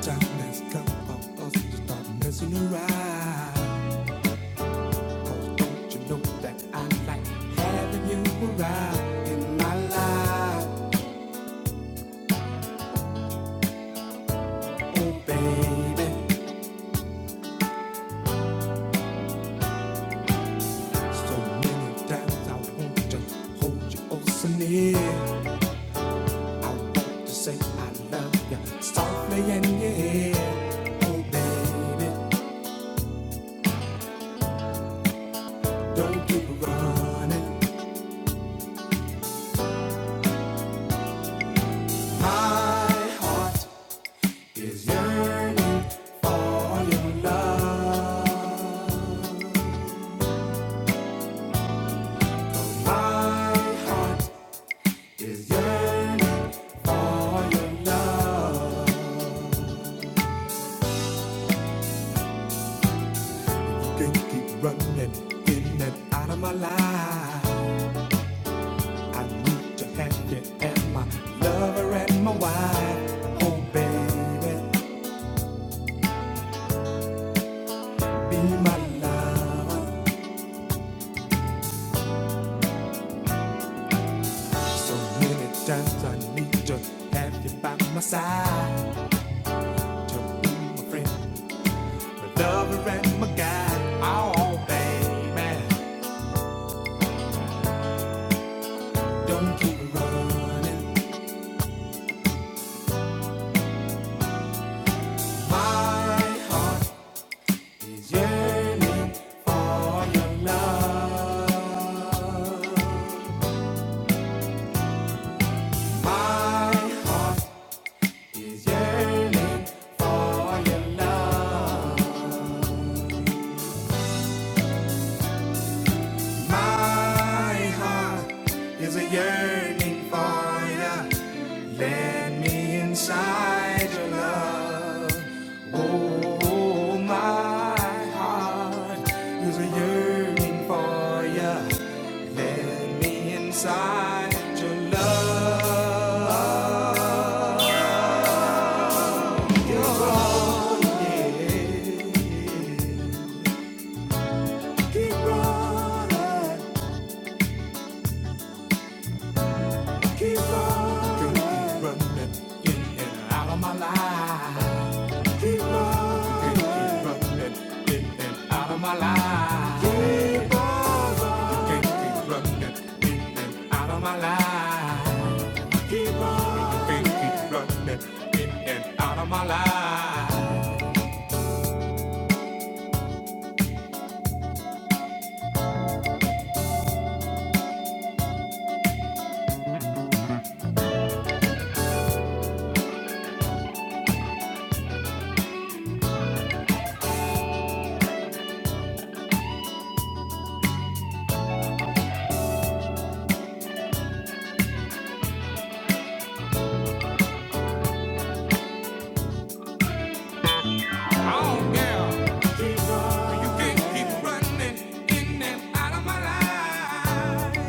Time has come for us to start messing around. Oh, don't you know that I like having you around in my life? Oh, baby. So many times I want to hold you oh so near. I want to say I love you softly and yeah. Oh, baby, don't keep running. My heart is yearning for your love. My heart is yearning for your love. Can't keep running in and out of my life. I need to have you and my lover and my wife. Oh baby, be my love. So many times I need to have you by my side to be my friend. The lover and my guide, oh baby, don't keep running. My heart is yearning for your love. My heart is yearning for your love. My heart is a yearning for you. Let me inside your love. Oh, my heart is a yearning for you. Let me inside your love. Keep running. Keep on, keep running in and out of my life. Keep running, keep running in and out of my life. Keep running, keep running in and out of my life. Keep running, keep running in and out of my life. Oh yeah, you can't keep running in and out of my life.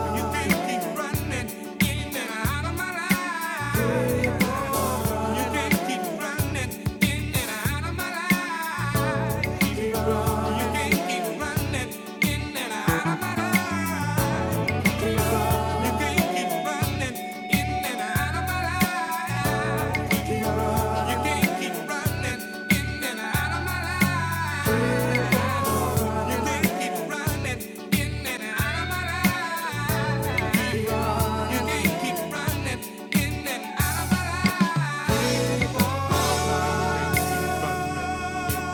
You can't keep running in and out of my life.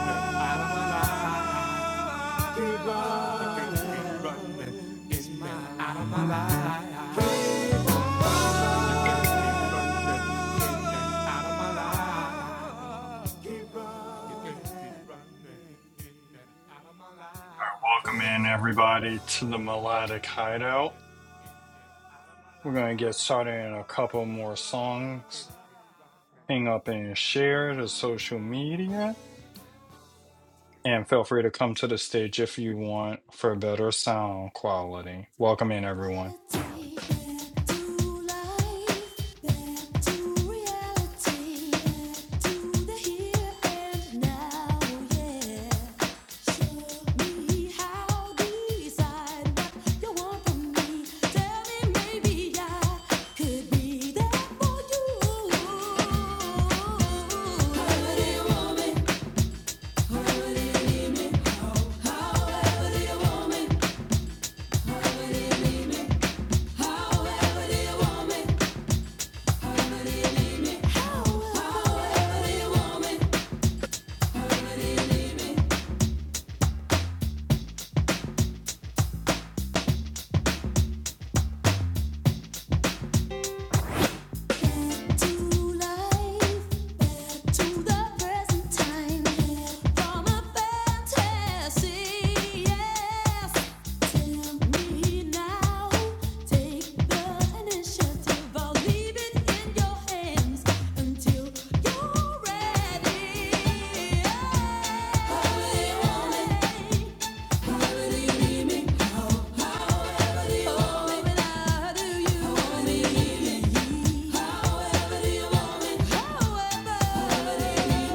Out of my life. Keep running. In my out of my life. Keep running. Welcome in, everybody, to the Melodic Hideout. We're going to get started in a couple more songs. Hang up and share to social media. And feel free to come to the stage if you want for better sound quality. Welcome in, However do everyone. you want me? How will you leave me? However, you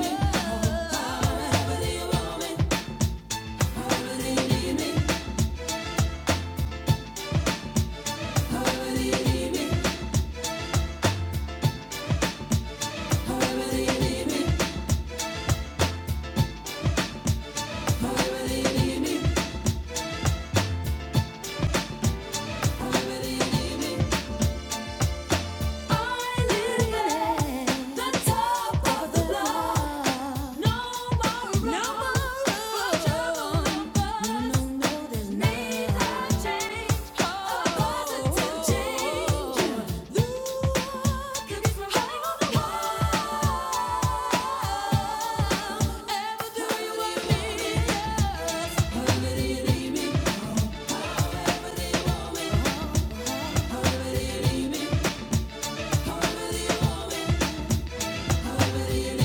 Thank you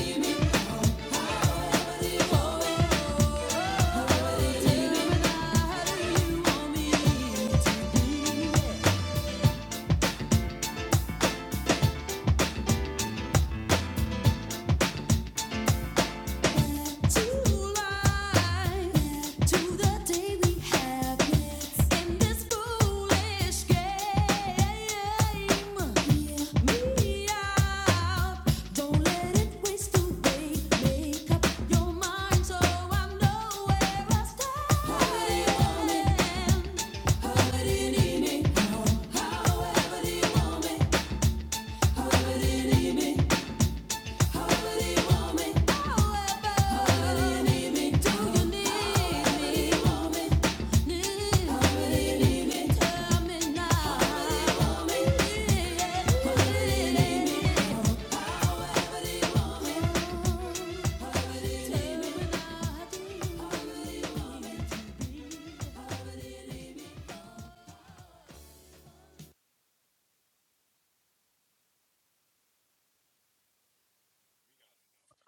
Take me how do you want me to be. However do you need me?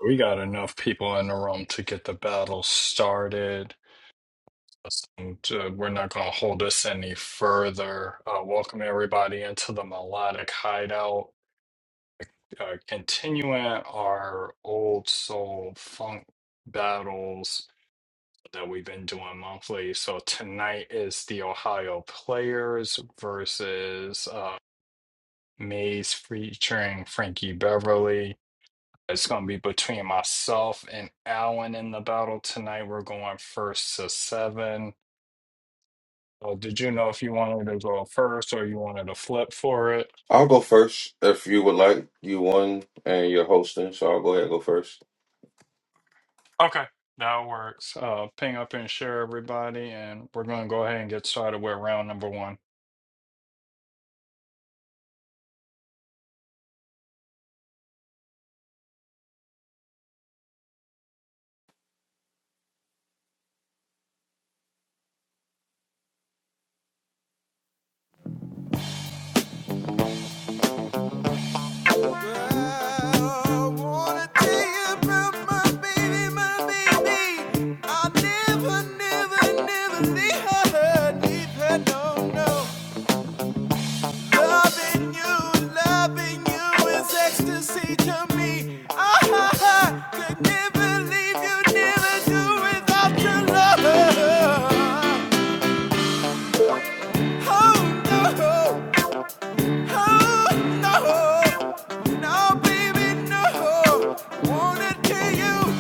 We got enough people in the room to get the battle started. And, uh, we're not going to hold this any further. Uh, welcome, everybody, into the Melodic Hideout. uh, continuing our old soul funk battles that we've been doing monthly. So tonight is the Ohio Players versus uh, Maze featuring Frankie Beverly. It's going to be between myself and Alan in the battle tonight. We're going first to seven. Well, did you know if you wanted to go first or you wanted to flip for it? I'll go first if you would like. You won and you're hosting, so I'll go ahead and go first. Okay, that works. Uh, ping up and share everybody, and we're going to go ahead and get started with round number one. Oh no, no, no, baby, no. Wanna tell you.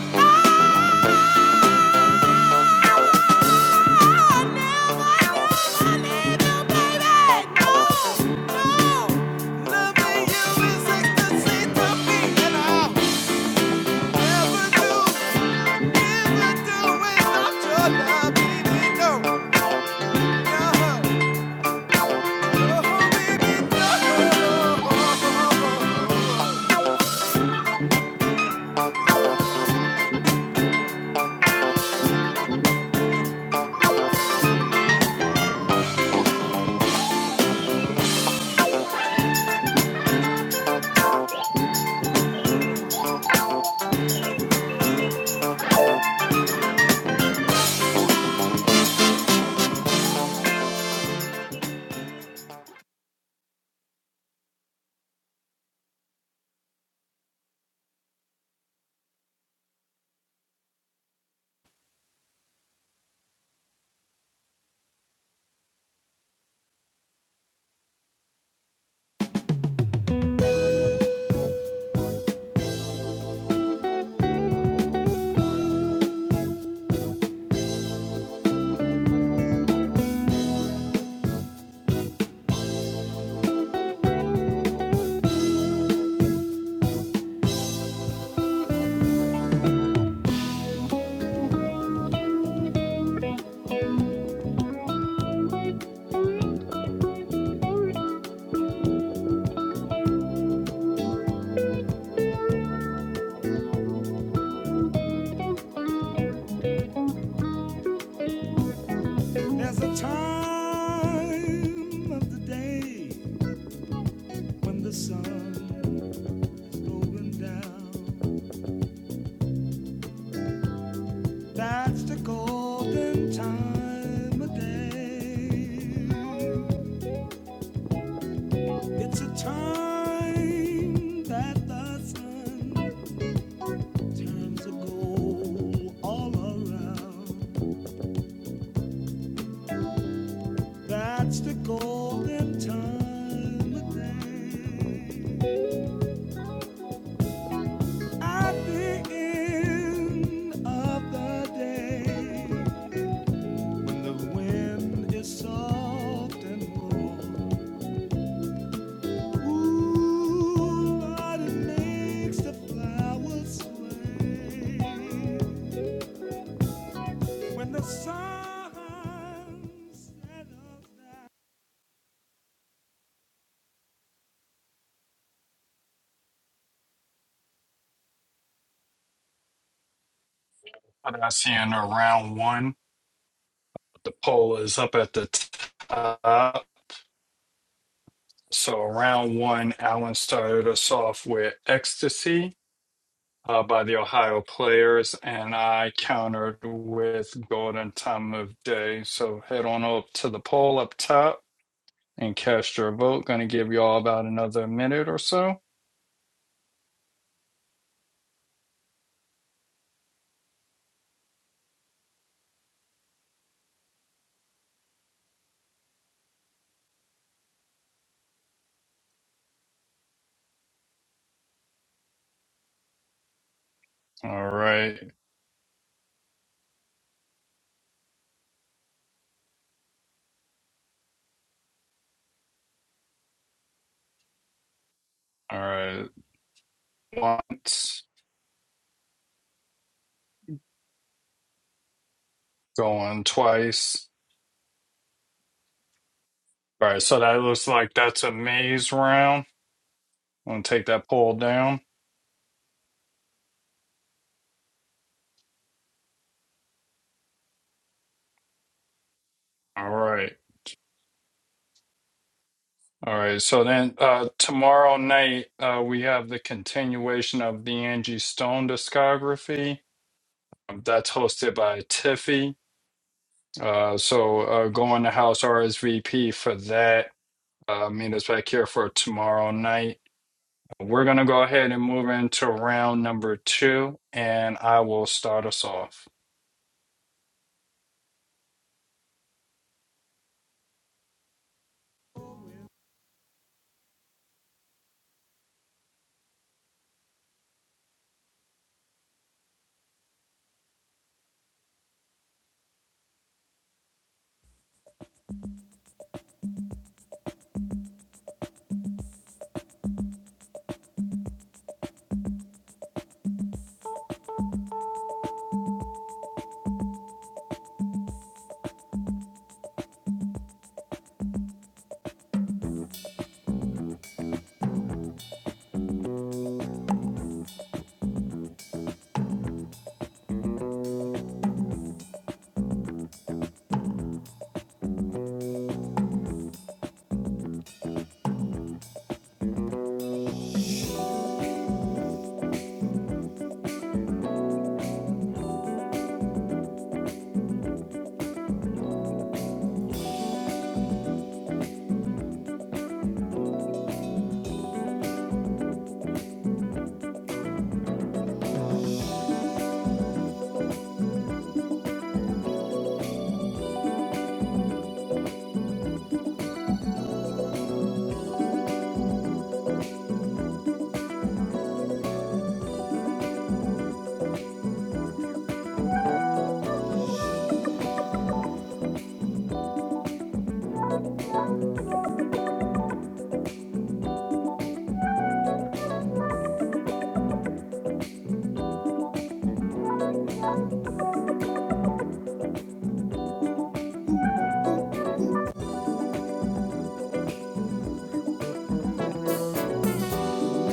There's a time of the day when the sun is going down That's the golden time of day. It's a time that the sun turns to gold all around. That's the golden time of day. At the end of the day, when the wind is soft and warm. Ooh, what makes the flowers sway when the sun settles What I see in round one, the poll is up at the top. So round one, Alan started us off with "Ecstasy" uh, by the Ohio Players, and I countered with "Golden Time of Day." So head on up to the poll up top and cast your vote. Going to give you all about another minute or so. All right. All right. once, going twice. All right, so that looks like that's a maze round. I'm gonna take that pole down. All right. All right, so then uh, tomorrow night uh, we have the continuation of the Angie Stone discography. Um, That's hosted by Tiffy. Uh, so uh, go in the house RSVP for that. Uh, meet us back here for tomorrow night. We're gonna go ahead and move into round number two, and I will start us off.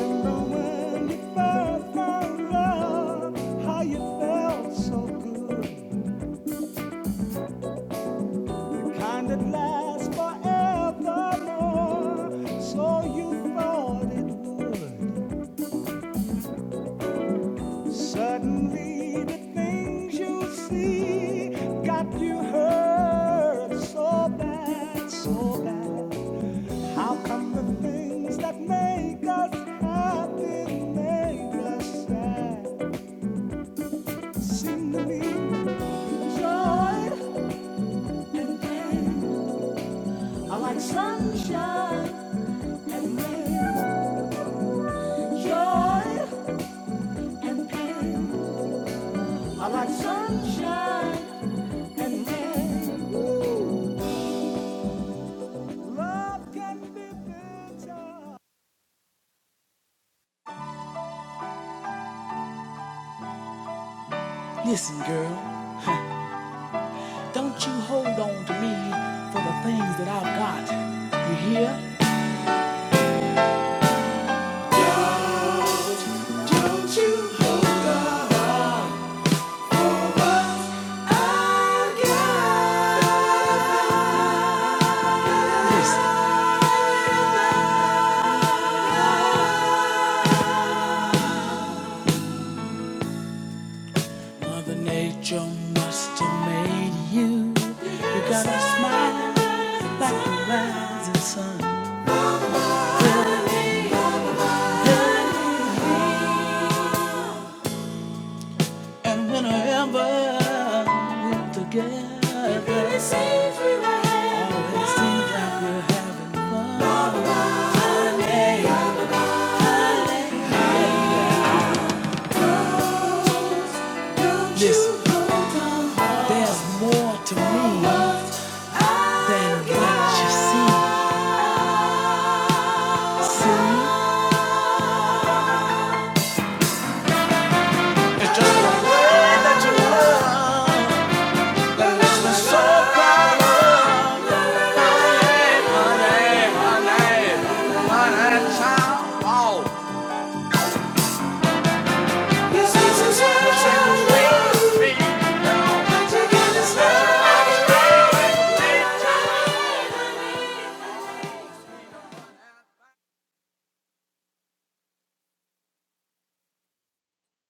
Remember When you first found love, how you felt so good, kind that lasts forevermore. So you thought it would. Suddenly the things you see got you hurt so bad, so bad. How come the things that make us happy make us sad? Seem to me joy, I like sunshine, joy and pain, I like sunshine and pain. Ooh, love can be bitter. Don't you hold up, I got Mother Nature must have made you. You got a smile like the rising sun. And whenever we're together, it really always seems like we're having fun. Yeah, Listen, there's more to me than what you see. Hey, what a child. Oh. This is how the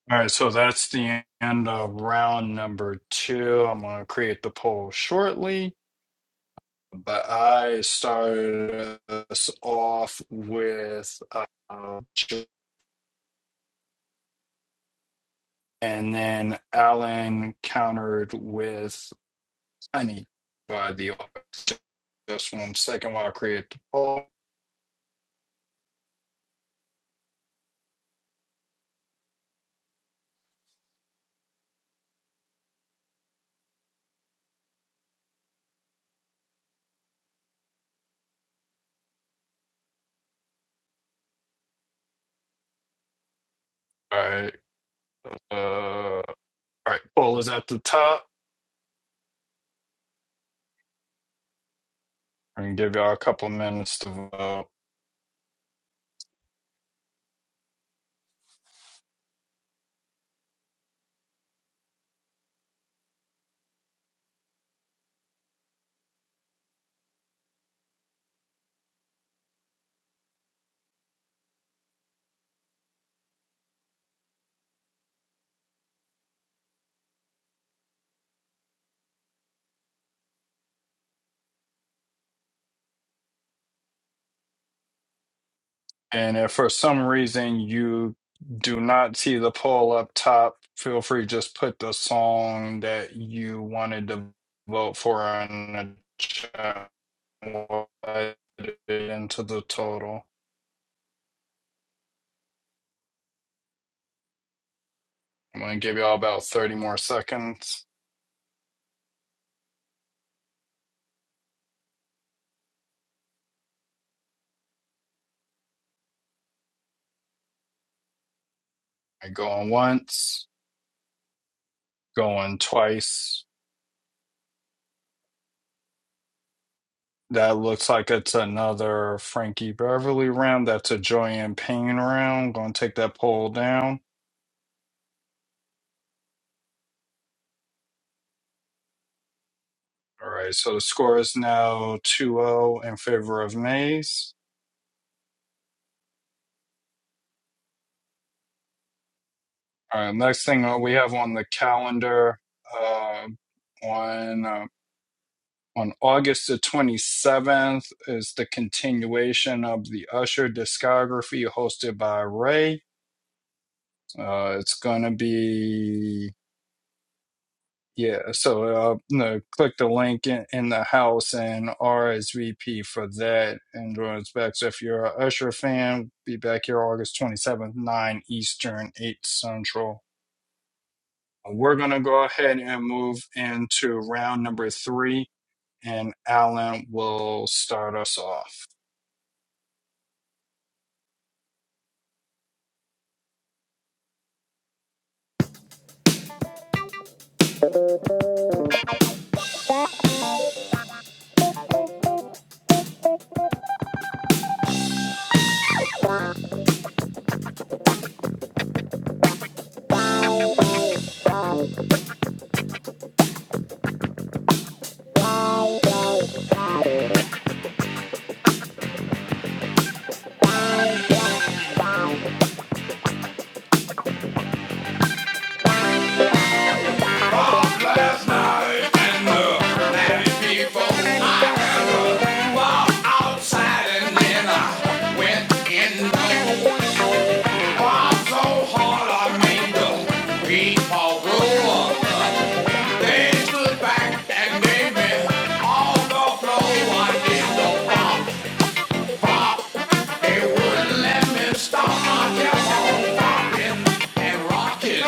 All right, so that's the end of round number two. I'm going to create the poll shortly, but I started us off with uh, and then Alan countered with Honey by the audience. just one second while I create the poll. All right, uh, all right, poll is at the top. I'm gonna give y'all a couple minutes to vote. And if for some reason you do not see the poll up top, feel free to just put the song that you wanted to vote for in the chat We'll add it into the total. I'm going to give you all about 30 more seconds. I go on once, going twice. That looks like it's another Frankie Beverly round. That's a Joy and Payne round. Going to take that poll down. All right, so the score is now two zero in favor of Mays. All right, next thing uh, we have on the calendar uh, on, uh, on August the 27th is the continuation of the Usher discography hosted by Ray. Uh, it's going to be Yeah, so uh, you know, click the link in, in the house and RSVP for that. And join us back. So if you're a Usher fan, be back here August 27th, 9 Eastern, 8 Central. We're going to go ahead and move into round number three, and Alan will start us off. Outside and then I went in. Why so hard on me? The people rule. They stood back and made me all the flow. I did the pop, they would and rockin'.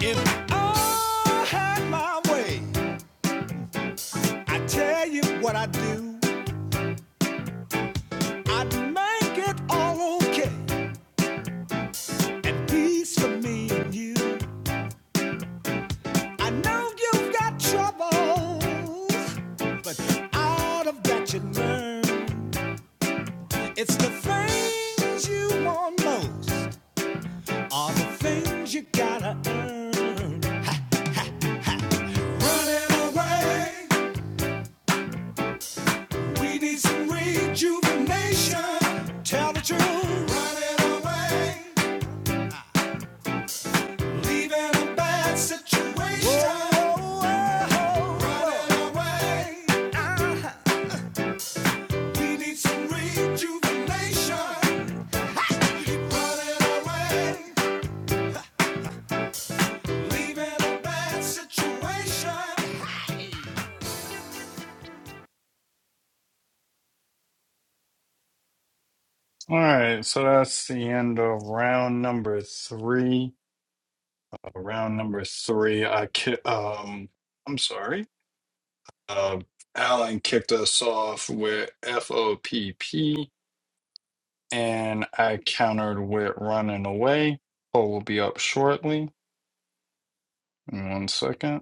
If I had my way. I tell you what I do, I'd make it all okay and peace for me and you. I know you've got troubles, but out of that you learn. It's the things you want most are the things you gotta earn. Running away, we need some rejuvenation. Tell the truth, running away. Leaving a bad situation. Running away. We need some rejuvenation. Running away. Leaving a bad situation. All right, so that's the end of round number three. Uh, round number three, I ki- um, I'm sorry. uh, Alan kicked us off with FOPP, and I countered with running away. Paul will be up shortly. In one second.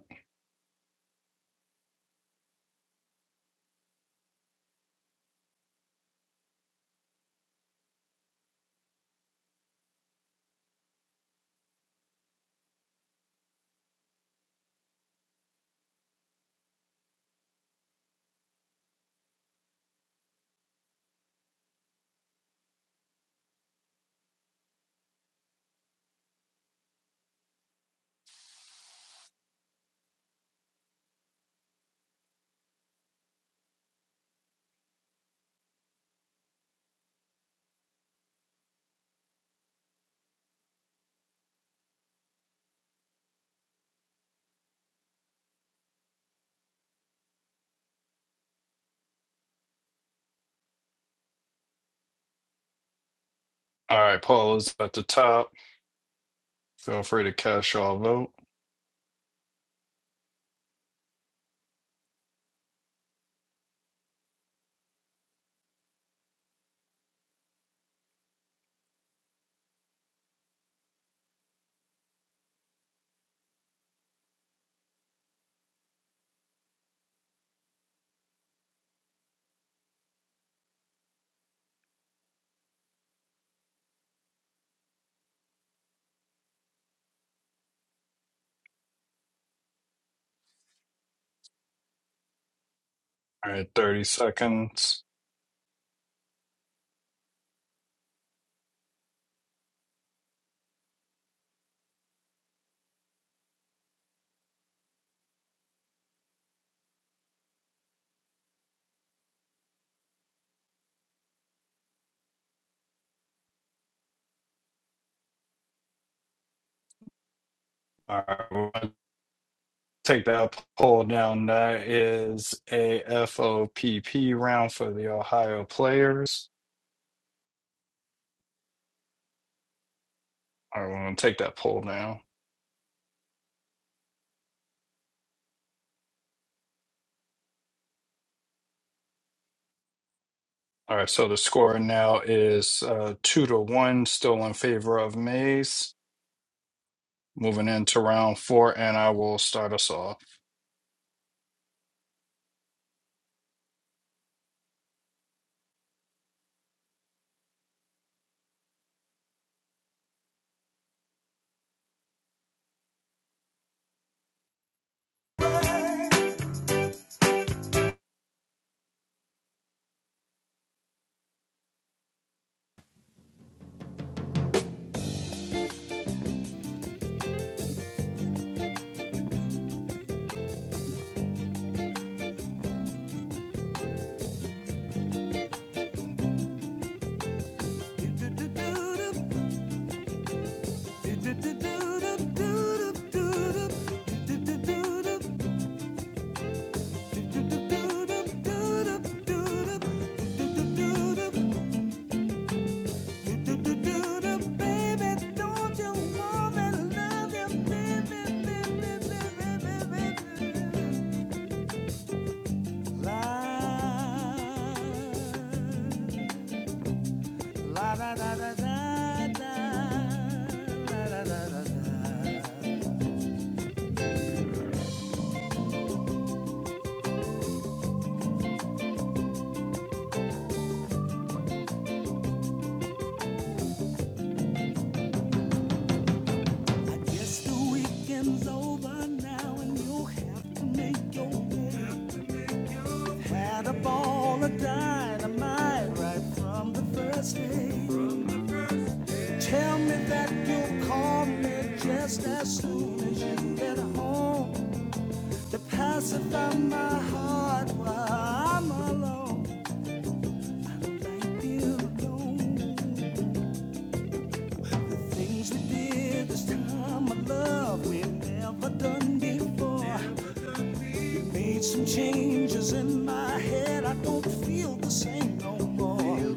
All right, Paul is at the top. Feel free to cash your vote. All right, 30 seconds. All right, we're gonna take that poll down. That is a F O P P round for the Ohio players. All right, we're going to take that poll down. All right, so the score now is uh, two to one, still in favor of Mays. Moving into round four, and I will start us off. Tell me that you'll call me just as soon as you get home. to pacify my heart while I'm alone. Like you alone. Things we did this time of love we've never done before. Made some changes in my head, I don't feel the same no more.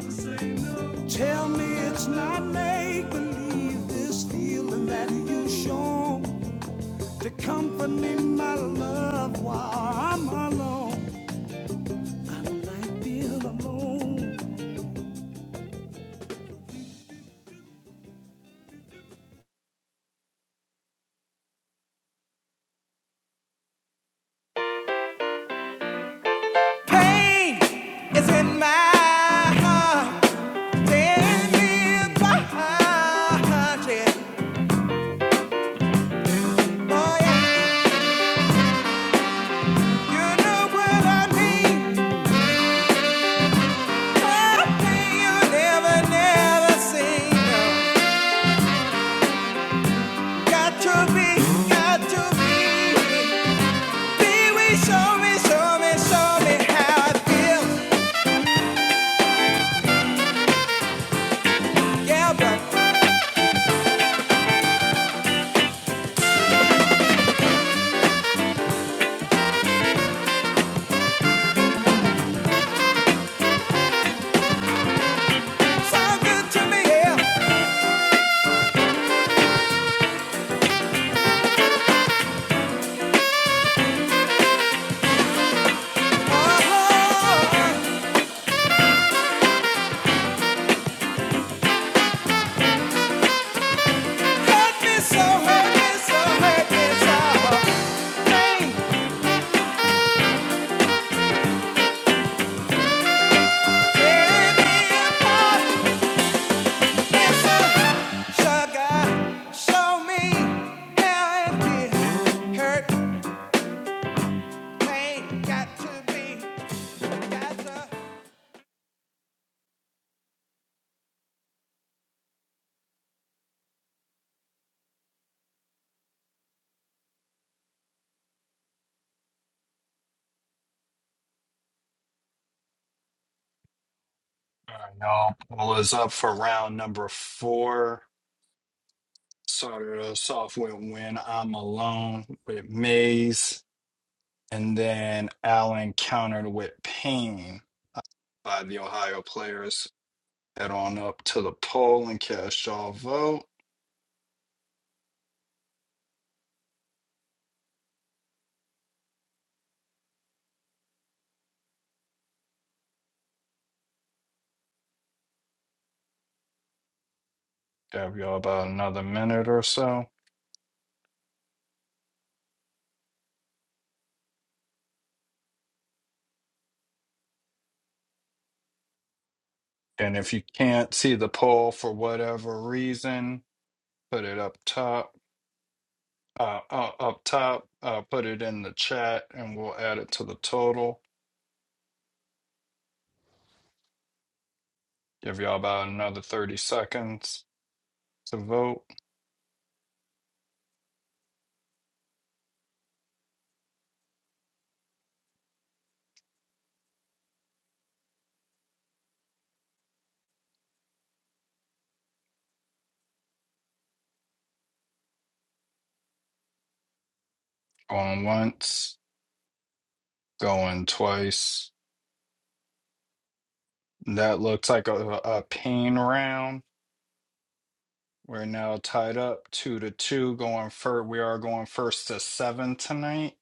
Tell me it's not make believe this feeling that you shown to comfort me, my love, while I'm alone. Like being alone. Pain is in my heart, tears in my heart, yeah. Oh, yeah. You know what I mean. Something you never, never seen. no. Got to be, got to be. Be we show me, show me, show me how I feel. Yeah, but so good to me. Yeah. Oh, hurt me so, hurt me so, hurt me so. Pain, tear me apart. It's a sugar. Show me how it feels. Hurt, pain, got to be, got to. All right, now Paul is up for round number four. Started us off with When I'm Alone with Mays, and then Allen countered with Pain by the Ohio players. Head on up to the poll and cast y'all vote. Have y'all about another minute or so. And if you can't see the poll for whatever reason, put it up top. Uh, uh, up top, uh, put it in the chat, and we'll add it to the total. Give y'all about another thirty seconds to vote. Going once, going twice. That looks like a, a pain round. We're now tied up two to two. Going first, we are going first to seven tonight.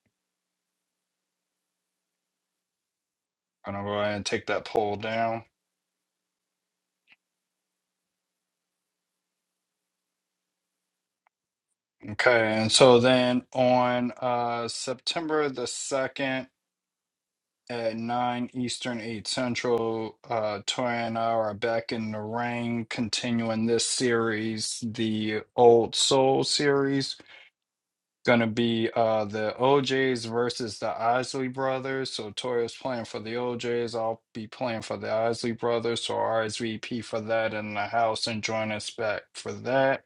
I'm gonna go ahead and take that poll down. Okay, and so then on uh September the 2nd at 9 Eastern, 8 Central, uh Toya and I are back in the ring continuing this series, the Old Soul series. Gonna be uh the OJs versus the Isley brothers. So Toya's playing for the OJs, I'll be playing for the Isley brothers, so RSVP for that in the house and join us back for that.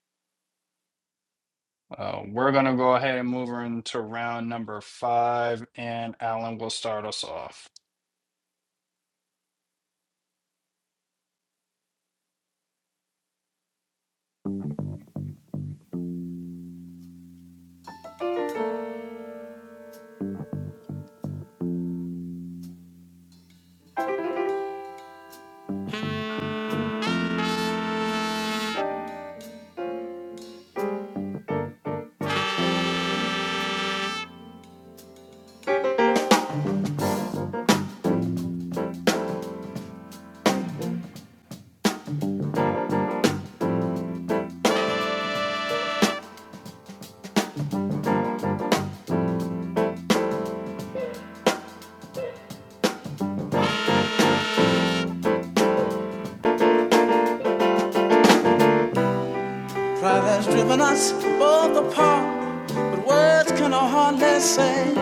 Uh, we're going to go ahead and move her into round number five, and Alan will start us off. Pride has driven us both apart, but words can hardly say.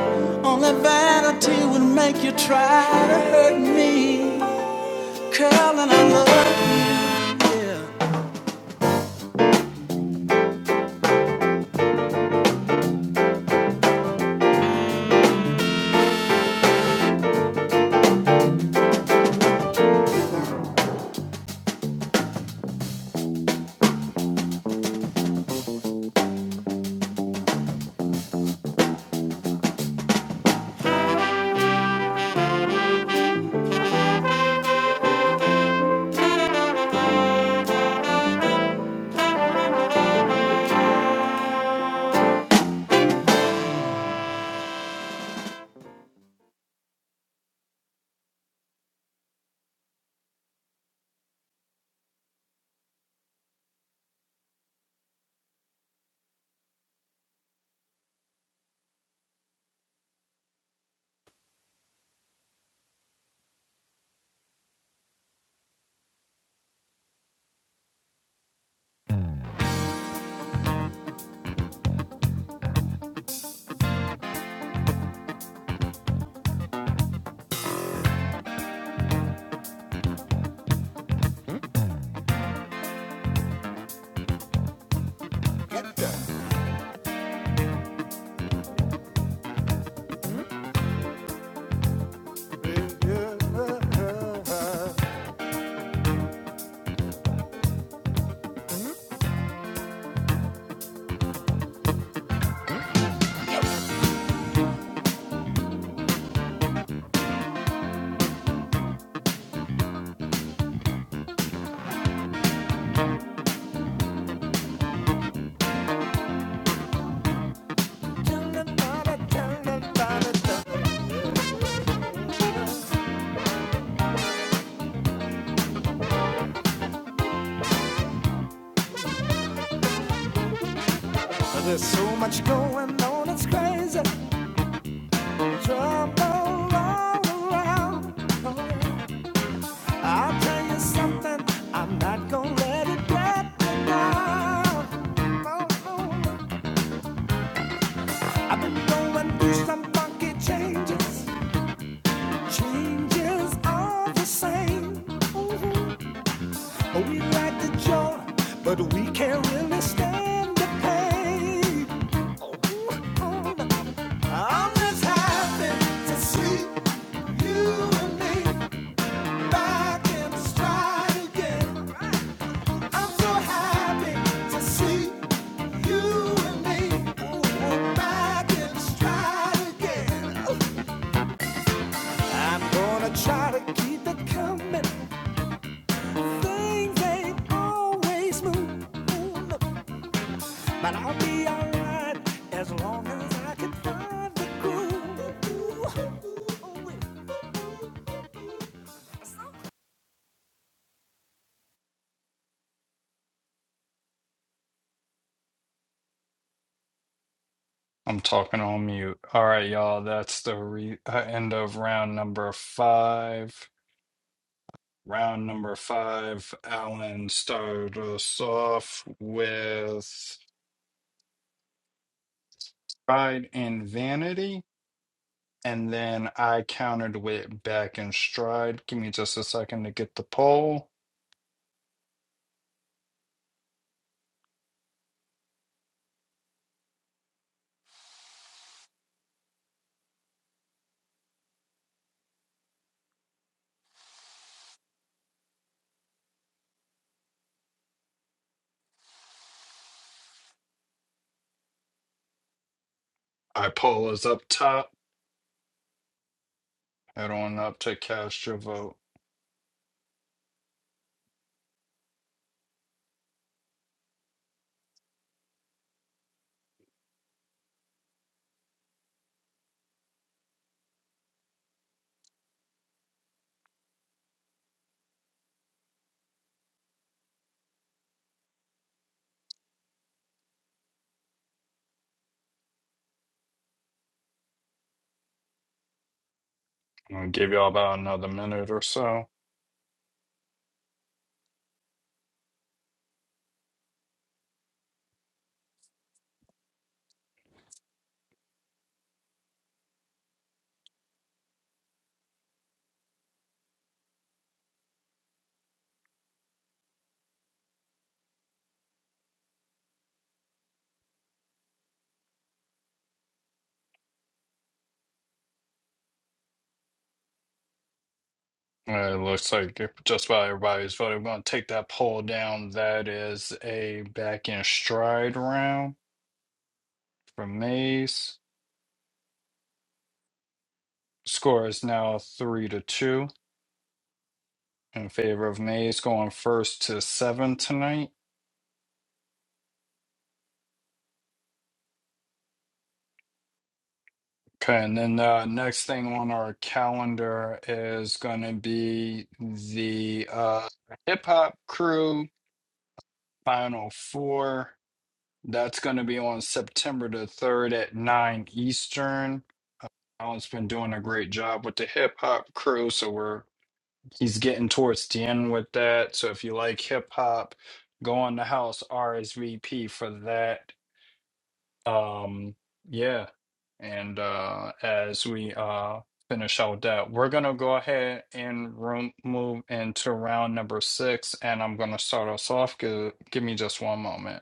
Only vanity would make you try to hurt me. Curl and I love you. Yeah. There's so much going on, it's crazy. Trouble all around. I'll tell you something, I'm not gonna let it get me down. I've been going through some funky changes, changes all the same. Oh, We like the joy, but we can't really stand the pain. I'm just happy to see you and me back in the stride again. I'm so happy to see you and me back in the stride again. I'm gonna try to keep it coming. Things ain't always moving. But I'll be alright as long as I can find the groove. I'm talking on mute. All right, y'all. That's the re- uh, end of round number five. Round number five, Alan started us off with Pride and Vanity, and then I countered with Back and Stride. Give me just a second to get the poll. Our poll is up top. Head on up to cast your vote. I'll give y'all about another minute or so. Uh, It looks like just about everybody's voted. We're going to take that poll down. That is a back in stride round for Mays. Score is now three to two in favor of Mays going first to seven tonight. Okay, and then the next thing on our calendar is going to be the uh, Hip Hop Crew Final Four That's going to be on September the 3rd at 9 Eastern. Alan's been doing a great job with the hip hop crew, so we're he's getting towards the end with that. So if you like hip hop, go on the house RSVP for that. Um, yeah. And uh as we uh finish out that, we're gonna go ahead and room move into round number six, and I'm gonna start us off. Give, give me just one moment.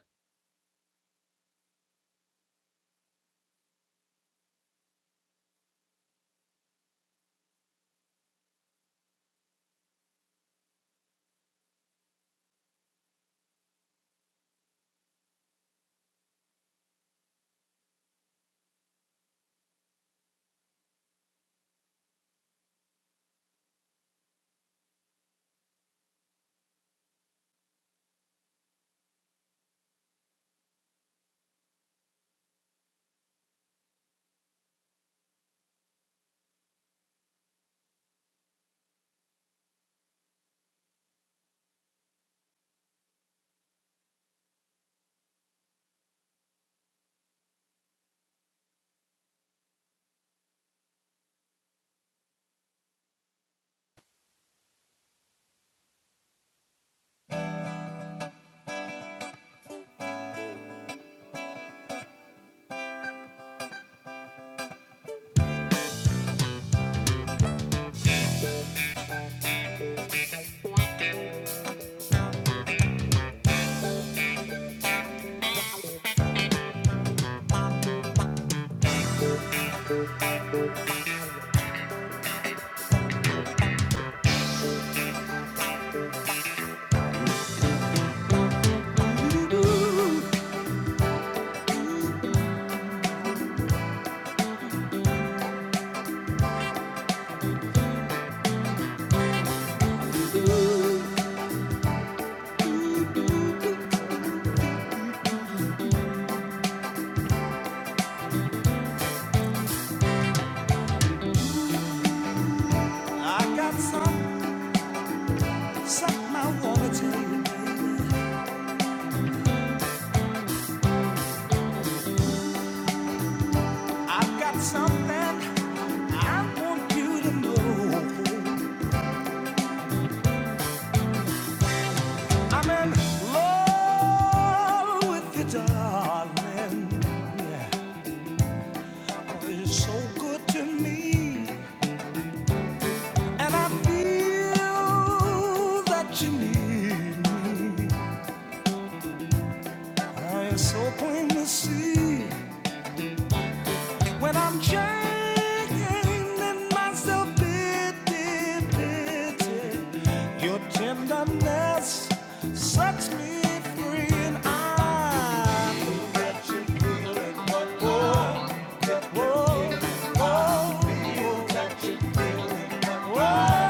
I got some, something I wanna tell you, baby. I've got something I want you to know. I'm in love with you, darling. Oh, You're so good to me, and I feel that you need me. It's so plain to see when I'm chaining myself pity, pity. Your tenderness sets me free, and I whoa, whoa, whoa.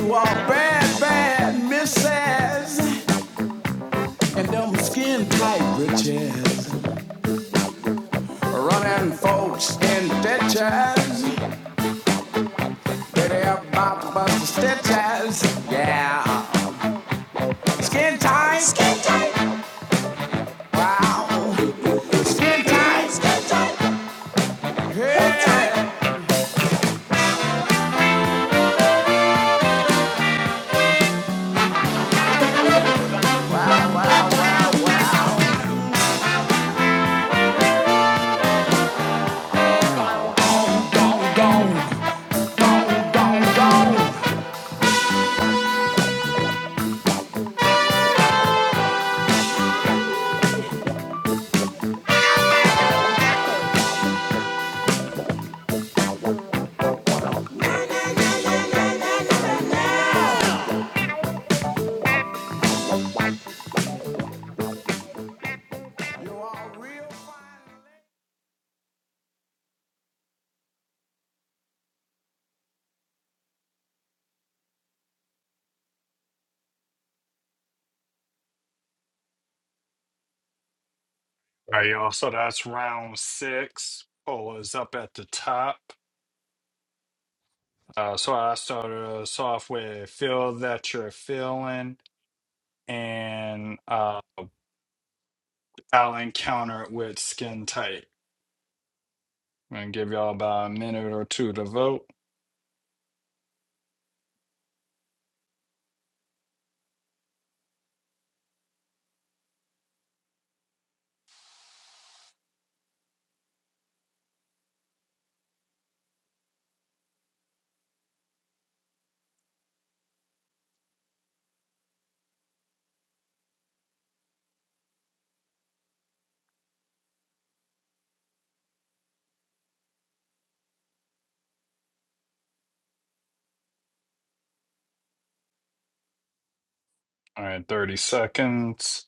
You are bad, bad misses, and them skin tight britches. Running folks in ditches, pretty about but stitches. Yeah, skin tight. Wow, skin tight. Skin tight. Yeah. Who All right, y'all. So that's round six. Poll is up at the top. Uh, so I started us off with feel that you're feeling, and uh, I'll encounter it with skin tight. I'm gonna give y'all about a minute or two to vote. All right, 30 seconds.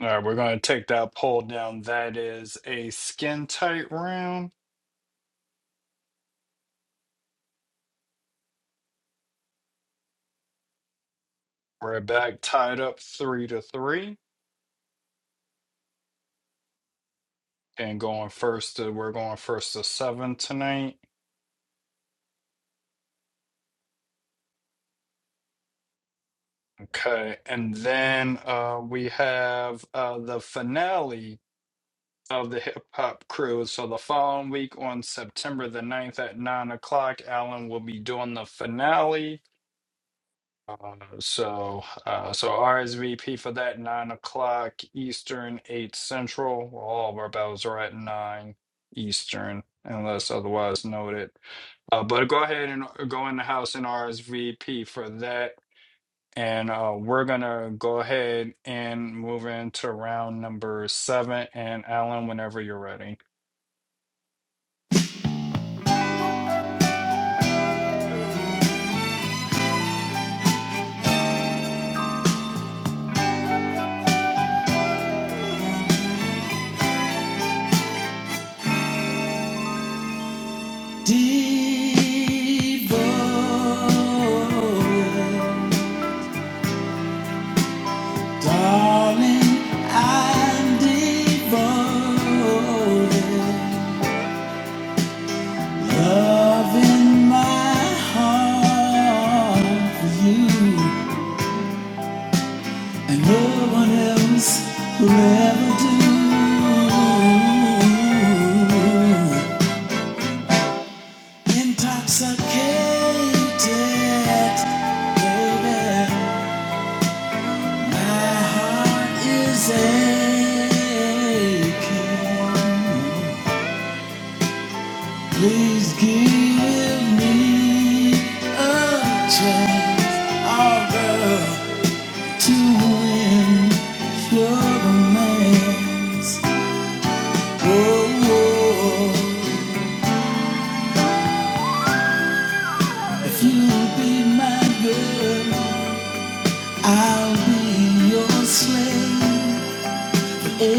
All right, we're gonna take that poll down. That is a skin tight round. We're back tied up three to three, and going first. To, we're going first to seven tonight. Okay, and then uh, we have uh, the finale of the Hip Hop Cruise. So the following week on September the ninth at 9 o'clock, Alan will be doing the finale. Uh, so, uh, so RSVP for that 9 o'clock Eastern, 8 Central. Well, All of our bells are at 9 Eastern, unless otherwise noted. Uh, but go ahead and go in the house and RSVP for that. And uh, we're gonna go ahead and move into round number seven. And Alan, whenever you're ready. ever do Intoxicated, baby, my heart is aching. Please give me a chance, oh girl, to win your romance. Oh, oh, if you will be my girl, I'll be your slave. Wow, wow,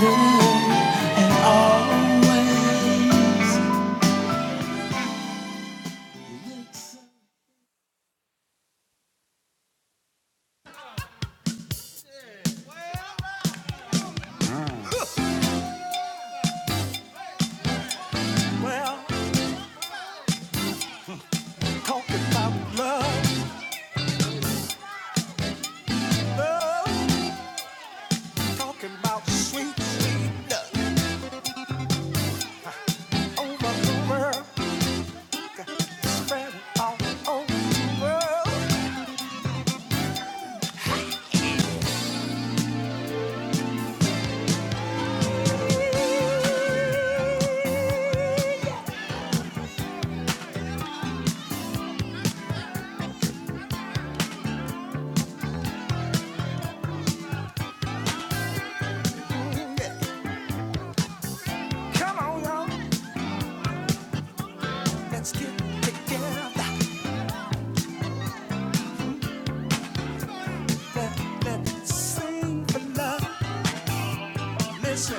wow. Well, talking about love, love, talking about sweet, sweet love over the world. Come on, y'all, let's get together. Let, let's sing for love. Listen,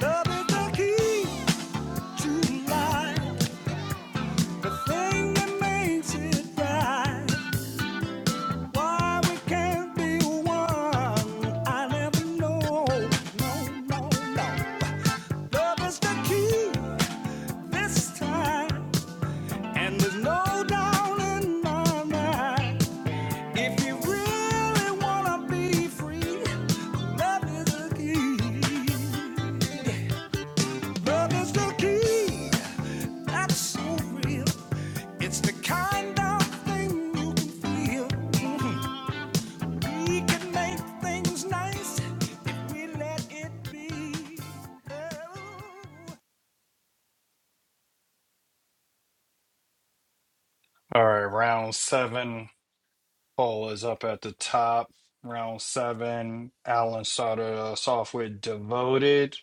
love is the key to life, the thing that makes it right. Why we can't be one, I never know. No, no, no. Love is the key this time. And there's no doubt in my mind, if you really wanna be free, love is the key. Love is the key. That's so real. It's the kind of thing you can feel. Mhm. We can make things nice if we let it be. Oh. All right, round seven. Poll is up at the top. Round seven. Alan started us off with devoted,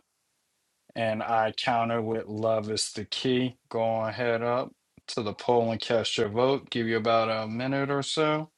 and I counter with love is the key. Go on head up to the poll and cast your vote. Give you about a minute or so.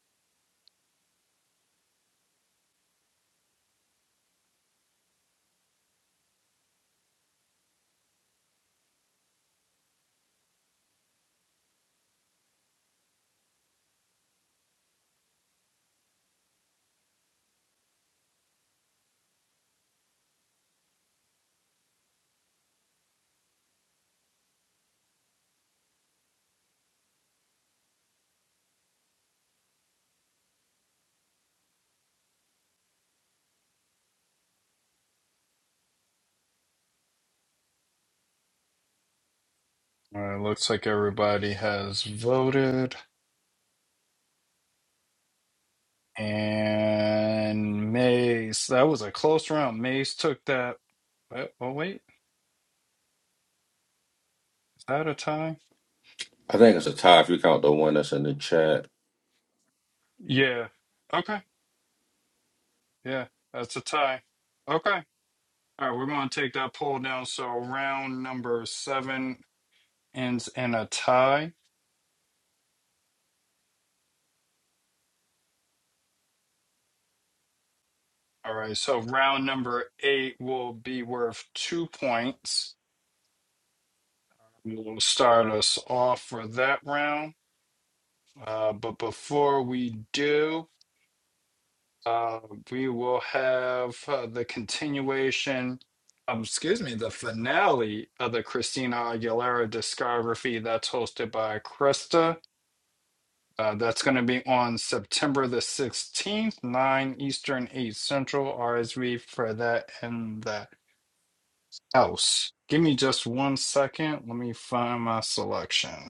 All right, looks like everybody has voted. And Maze, that was a close round. Maze took that. Oh, oh, wait, is that a tie? I think it's a tie if you count the one that's in the chat. Yeah. Okay. Yeah, that's a tie. Okay. All right, we're going to take that poll down. So round number seven ends in a tie. All right, so round number eight will be worth two points. We'll start us off for that round. Uh, but before we do, Uh, we will have uh, the continuation, um, excuse me, the finale of the Christina Aguilera discography that's hosted by Krista. Uh, that's going to be on September the 16th, 9 Eastern, 8 Central, RSV for that in the house. Give me just one second. Let me find my selection.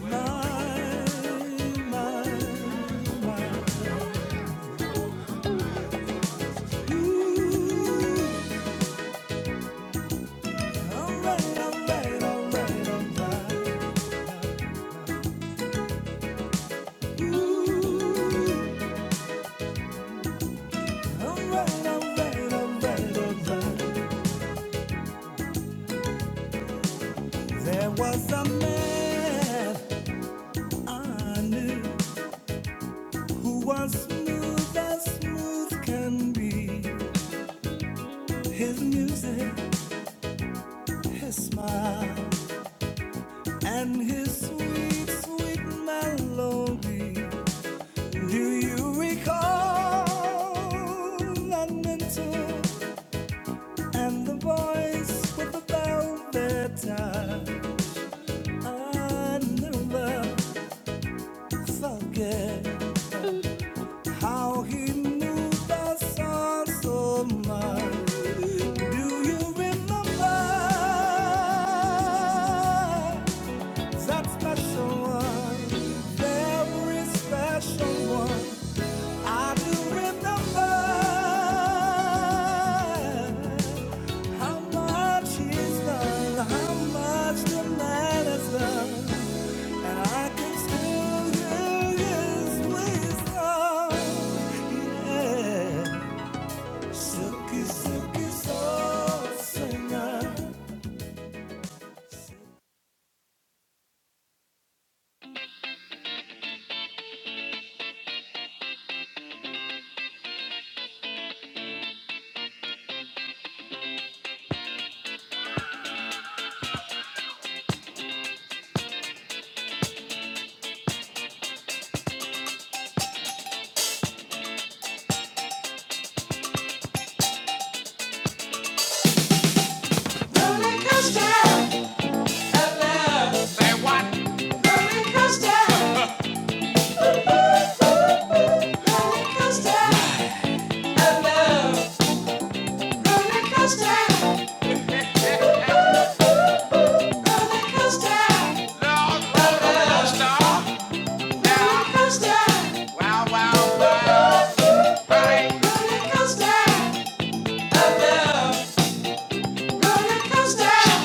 My, my, you. There was a man I knew who was smooth as smooth can be. His music, his smile, and his sweet, sweet melody. Do you recall? that mental And the voice with the velvet tie. I never forget how he moved that sound so much. Do you remember that special one? Very special one. I do remember. How much is love? How much the matters love? And I can still do his wisdom. Yeah. Silky, silky soul singer. Roller coaster of love. Roller coaster.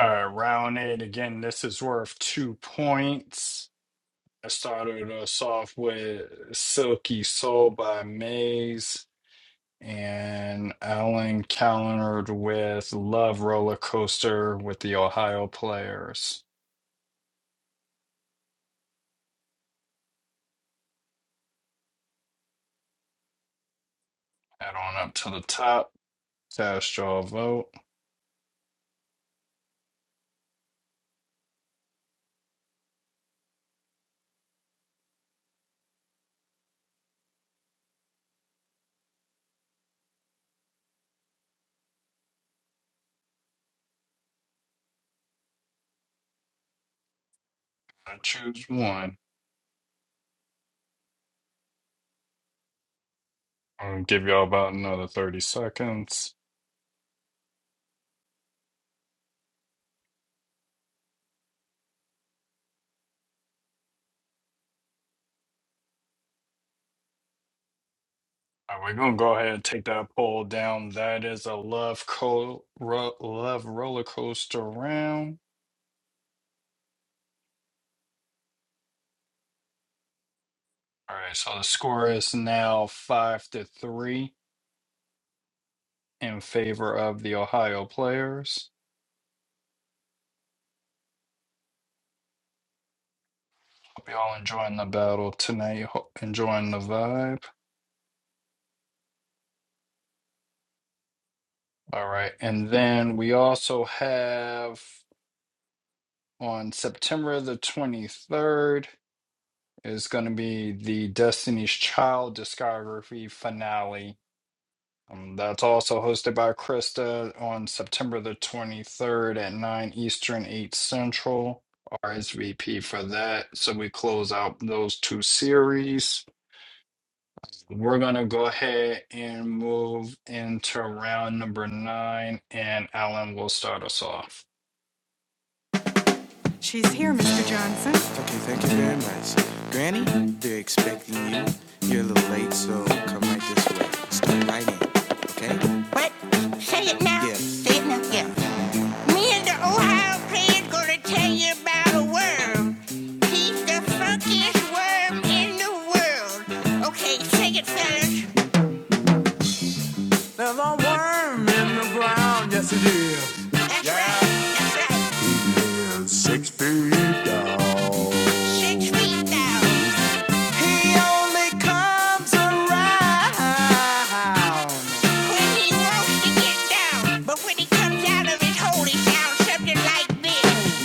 All right, round eight again. This is worth two points. I started us off with Silky Soul by Maze, and Alan countered with Love Roller Coaster with the Ohio Players. Head on up to the top, cast y'all vote. I choose one. I'll give y'all about another 30 seconds. All right, we're gonna go ahead and take that poll down. That is a love co ro love roller coaster round. All right, so the score is now five to three. in favor of the Ohio players. Hope y'all enjoying the battle tonight, ho- enjoying the vibe. All right. And then we also have on September the 23rd is going to be the Destiny's Child discography finale. Um, that's also hosted by Krista on September the 23rd at 9 Eastern, 8 Central. RSVP for that. So we close out those two series. We're gonna go ahead and move into round number nine, and Alan will start us off. Okay, thank you very much. Granny, they're expecting you. You're a little late, so come right this way. Start right in, okay? What? Say it now. Yeah. Say it now. Yeah. Me and the Ohio player's gonna tell you about a worm. He's the funkiest worm in the world. Okay, sing it, fellas. Yeah. That's yeah. right. That's right. He lives Six feet down. Six feet down. He only comes around. When he wants to get down, but when he comes out of his hole, he sounds something like this.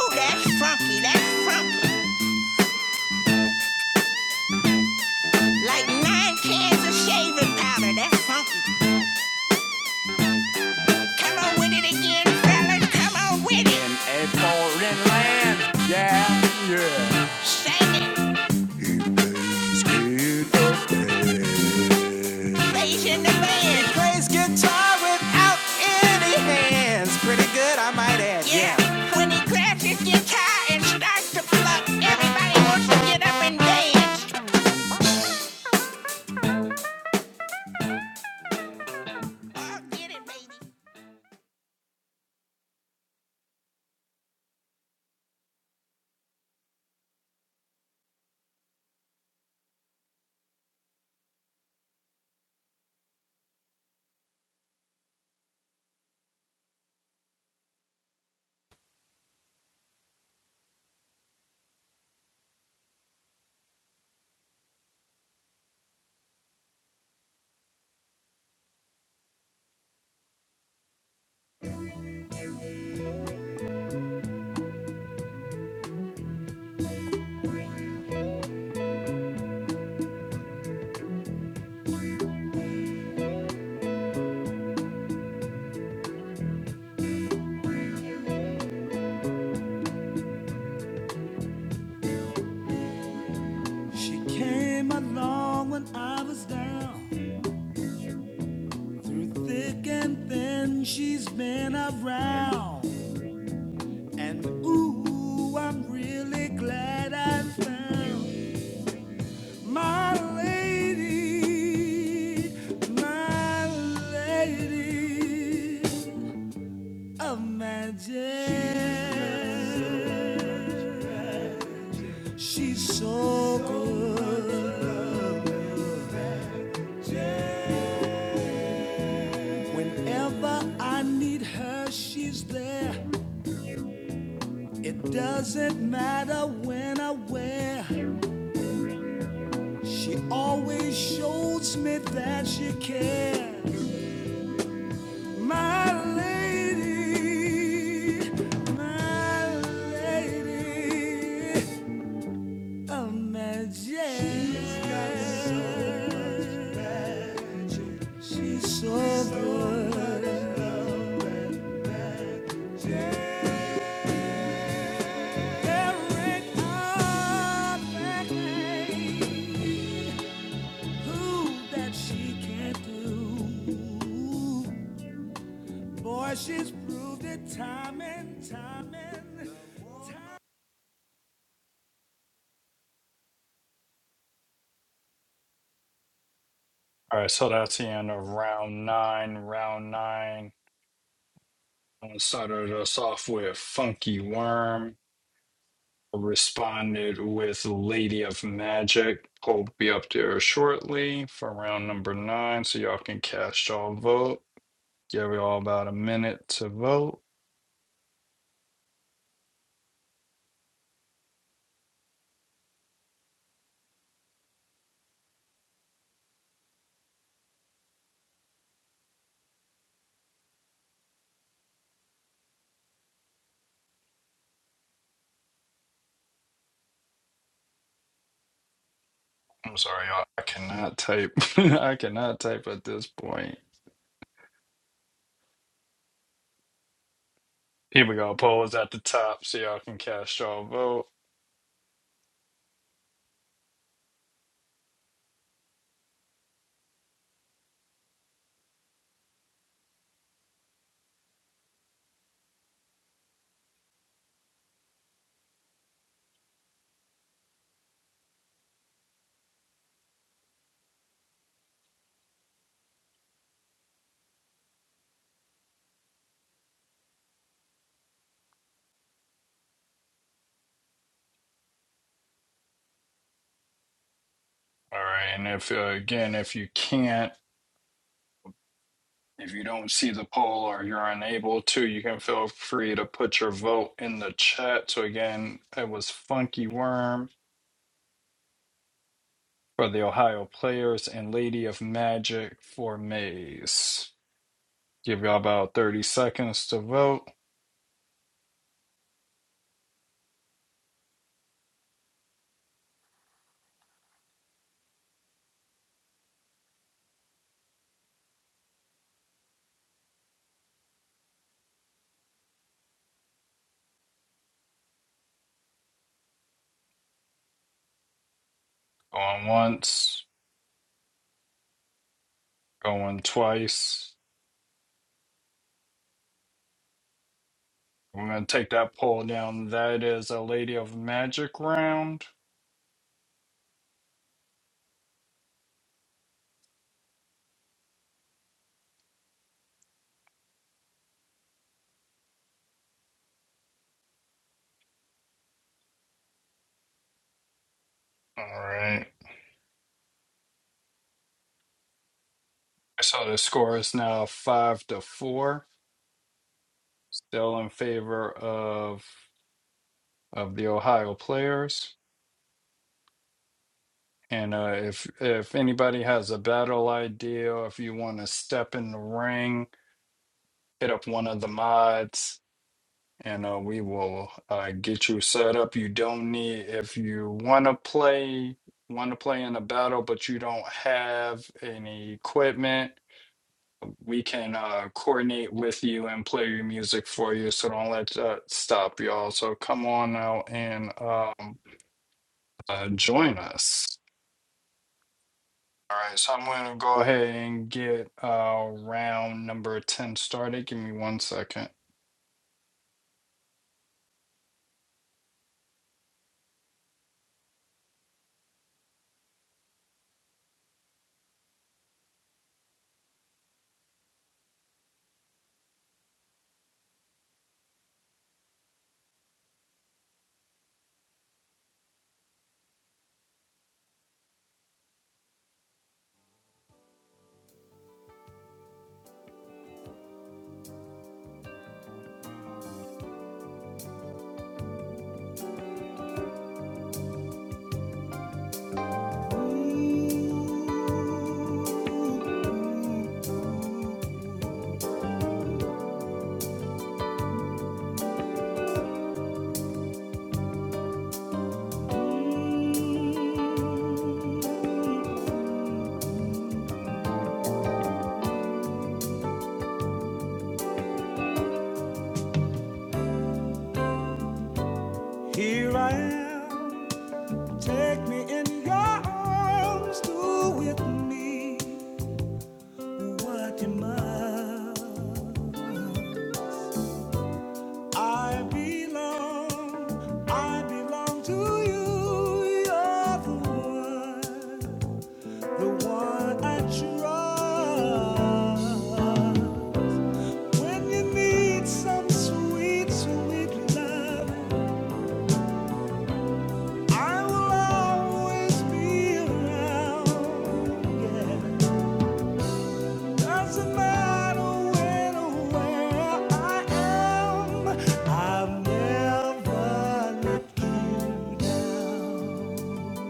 Oh, that's funky. That's funky. Like nine cans of shaving powder. That's funky. Come on with it again, fellas. Come on with it. Shake it. Raise in the band. He plays guitar without any hands. Pretty good, I might add. Yeah. yeah. When he grabs his guitar and starts to pluck, everybody wants to get up and dance. Oh, get it, baby. She came along when I was down. Through thick and thin, she's been around. And ooh, I'm really glad I found. My lady, my lady of magic. She's so good. Whenever I need her, she's there. It doesn't matter when I wear. She always shows me that she cares. My lady, my lady of Majestic. She's so good. There ain't a Who that she can do? Boy, she's proved it time and time and time. All right, so that's the end of round nine. Round nine Alan started us off with Funky Worm, responded with Lady of Magic. Hope be up there shortly for round number nine, so y'all can cast y'all vote. Give y'all about a minute to vote. I'm sorry, y'all. I cannot type. I cannot type at this point. Here we go. Polls at the top so y'all can cast y'all vote. All right. And if, uh, again, if you can't, if you don't see the poll or you're unable to, you can feel free to put your vote in the chat. So, again, it was Funky Worm for the Ohio Players and Lady of Magic for Maze. Give y'all about 30 seconds to vote. Going once, going twice. We're going to take that poll down. That is a Lady of Magic round. All right. So the score is now five to four, still in favor of of the Ohio players. And uh, if if anybody has a battle idea, if you want to step in the ring, hit up one of the mods, and uh, we will uh, get you set up. You don't need if you want to play want to play in a battle, but you don't have any equipment we can uh, coordinate with you and play your music for you. So don't let that stop y'all. So come on out and um, uh, join us. All right, so I'm going to go ahead and get uh, round number 10 started. Give me one second. Here I am. Take me in your arms, do with me what you must. I belong, I belong to you. You're the one, the one I trust. When you need some sweet, sweet love, I will always be around. Yeah. Doesn't matter when or where I am, I've never let you down.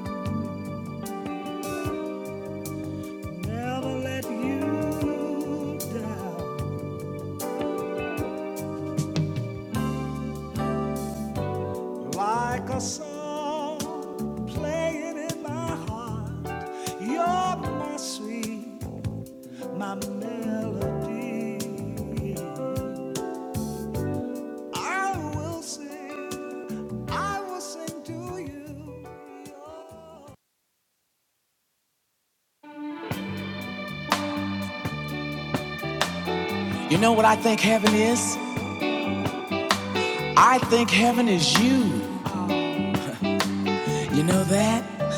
Never let you down. Like a song playing in my heart, you're my sweet, my melody. I will sing, I will sing to you. You know what I think heaven is? I think heaven is you. You know that?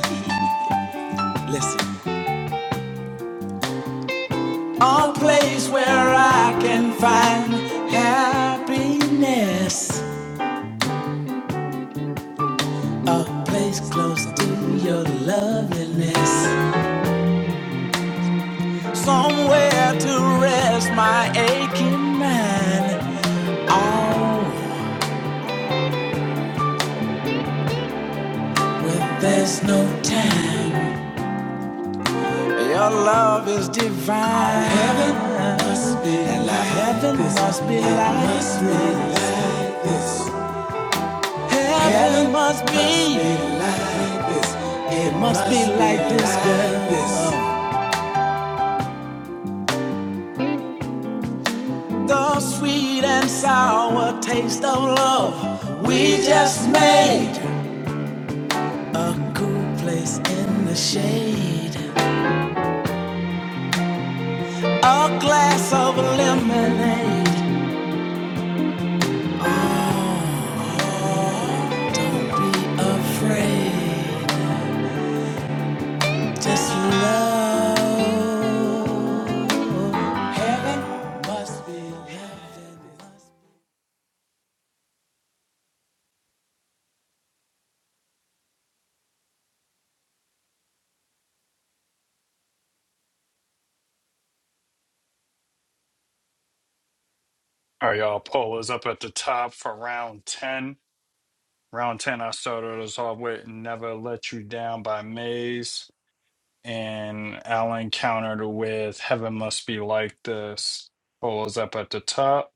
Listen, A place where I can find happiness. A place close to your loveliness. Somewhere to rest my aching mind. Oh, when there's no time, your love is divine. Heaven must be like heaven must be like must be like- Heaven must be. It must be like this, girl. The sweet and sour taste of love. We just made a cool place in the shade. A glass of lemonade. Oh, don't be afraid. Just love. Heaven must be All right, y'all, poll is up at the top for round 10. Round 10, I started us off with Never Let You Down by Maze and Alan countered with Heaven Must Be Like This. Poll is up at the top.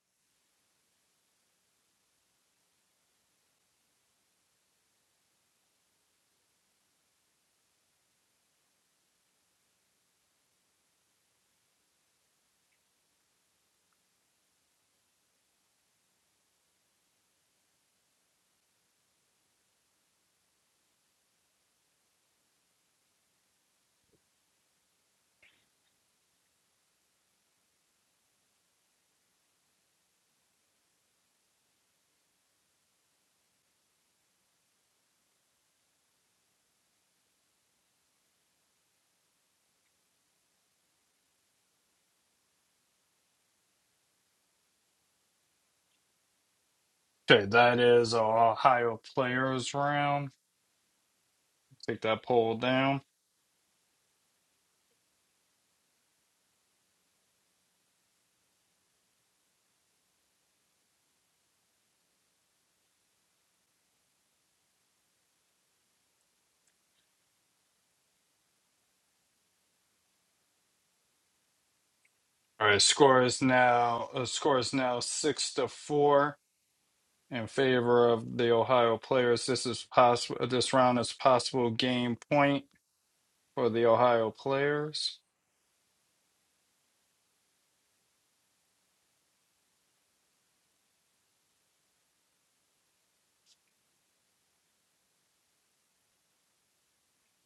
Okay, that is our Ohio players round. Take that poll down. All right, score is now uh, score is now six to four in favor of the Ohio players. This is possible. This round is possible game point for the Ohio players.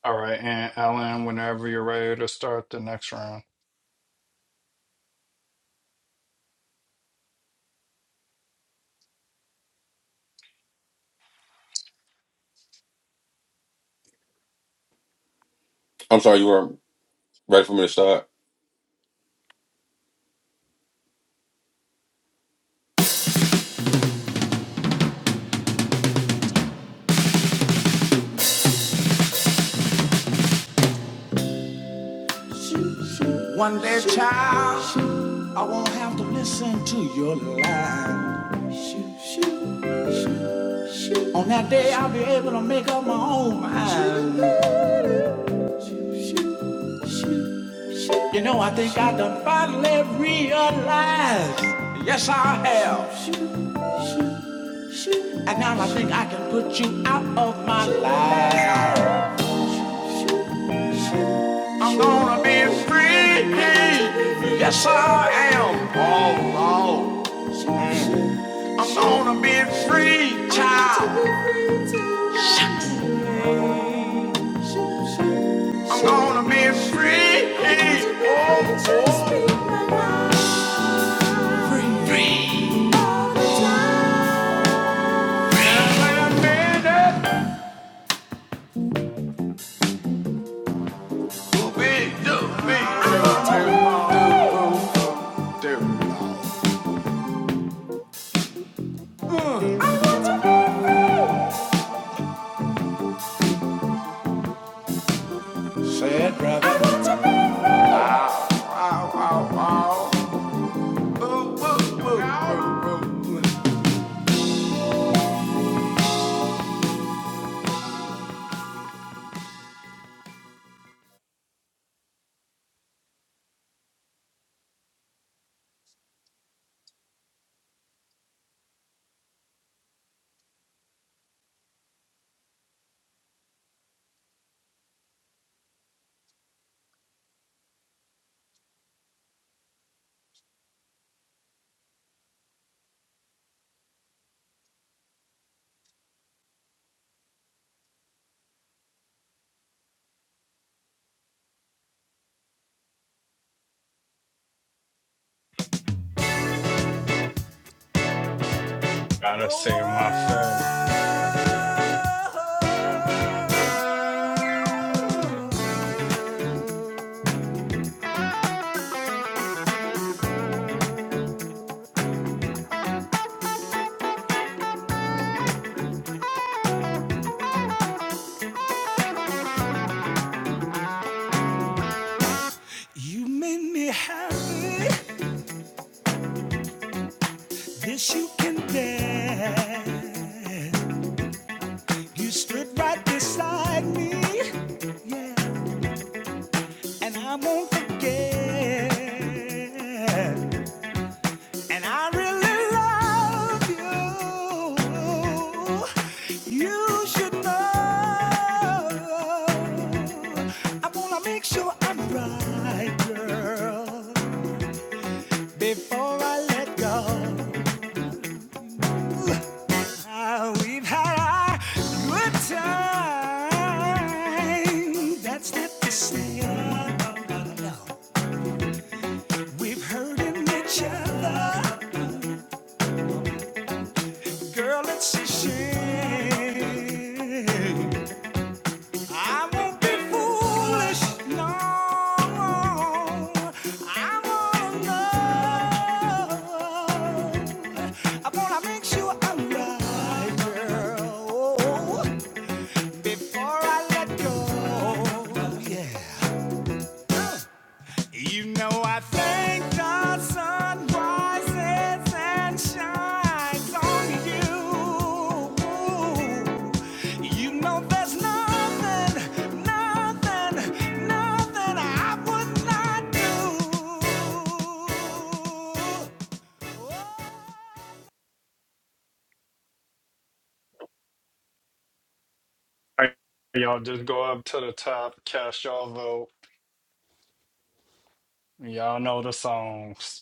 All right, and Ellen, whenever you're ready to start the next round, I'm sorry, you weren't ready for me to start. One day, child, I won't have to listen to your lies. On that day, I'll be able to make up my own mind. You know, I think I done finally realized. And now I think I can put you out of my life. Free child. gotta Whoa, say my fave. whoa. You made me happy. This you can bet. You stood right beside me. Yeah. And I won't forget. And I really love you. You should know. I wanna make sure I'm right, girl. Before I let go, Ah, we've had our good time. That's not the same. we've hurting each other. Girl, it's a shame. I won't be foolish, no. I wanna know. I wanna make sure I'm right, girl, before I let go. Yeah. You know I thank the sun rises and shines on you. You know there's nothing, nothing, nothing I would not do. Oh. All right, y'all just go up to the top, cast y'all vote. Y'all know the songs.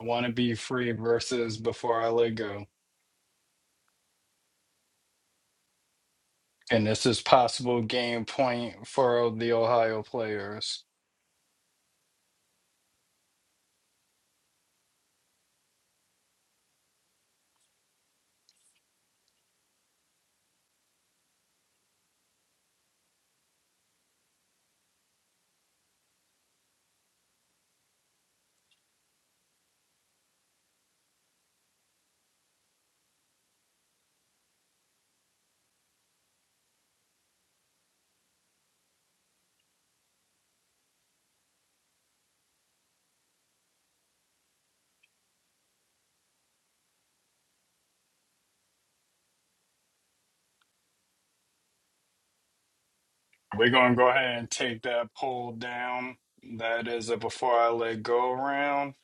I want to be free versus before I let go. And this is possible game point for the Ohio players. We're going to go ahead and take that poll down. That is a before I let go round.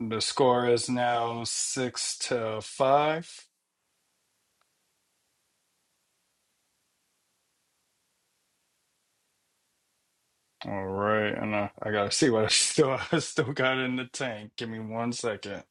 The score is now six to five. All right, and I, I gotta see what I still I still got in the tank. Give me one second.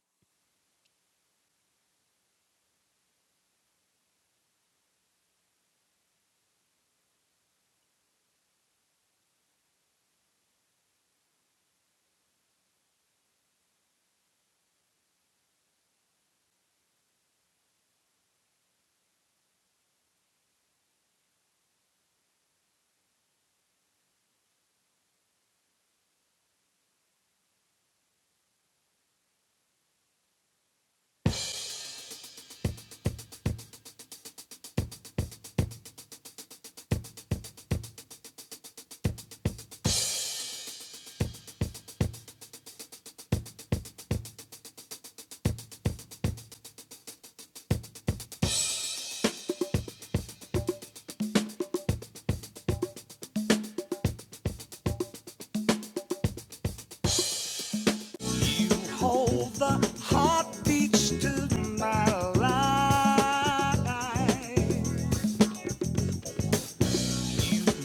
Hold the heartbeats to my life.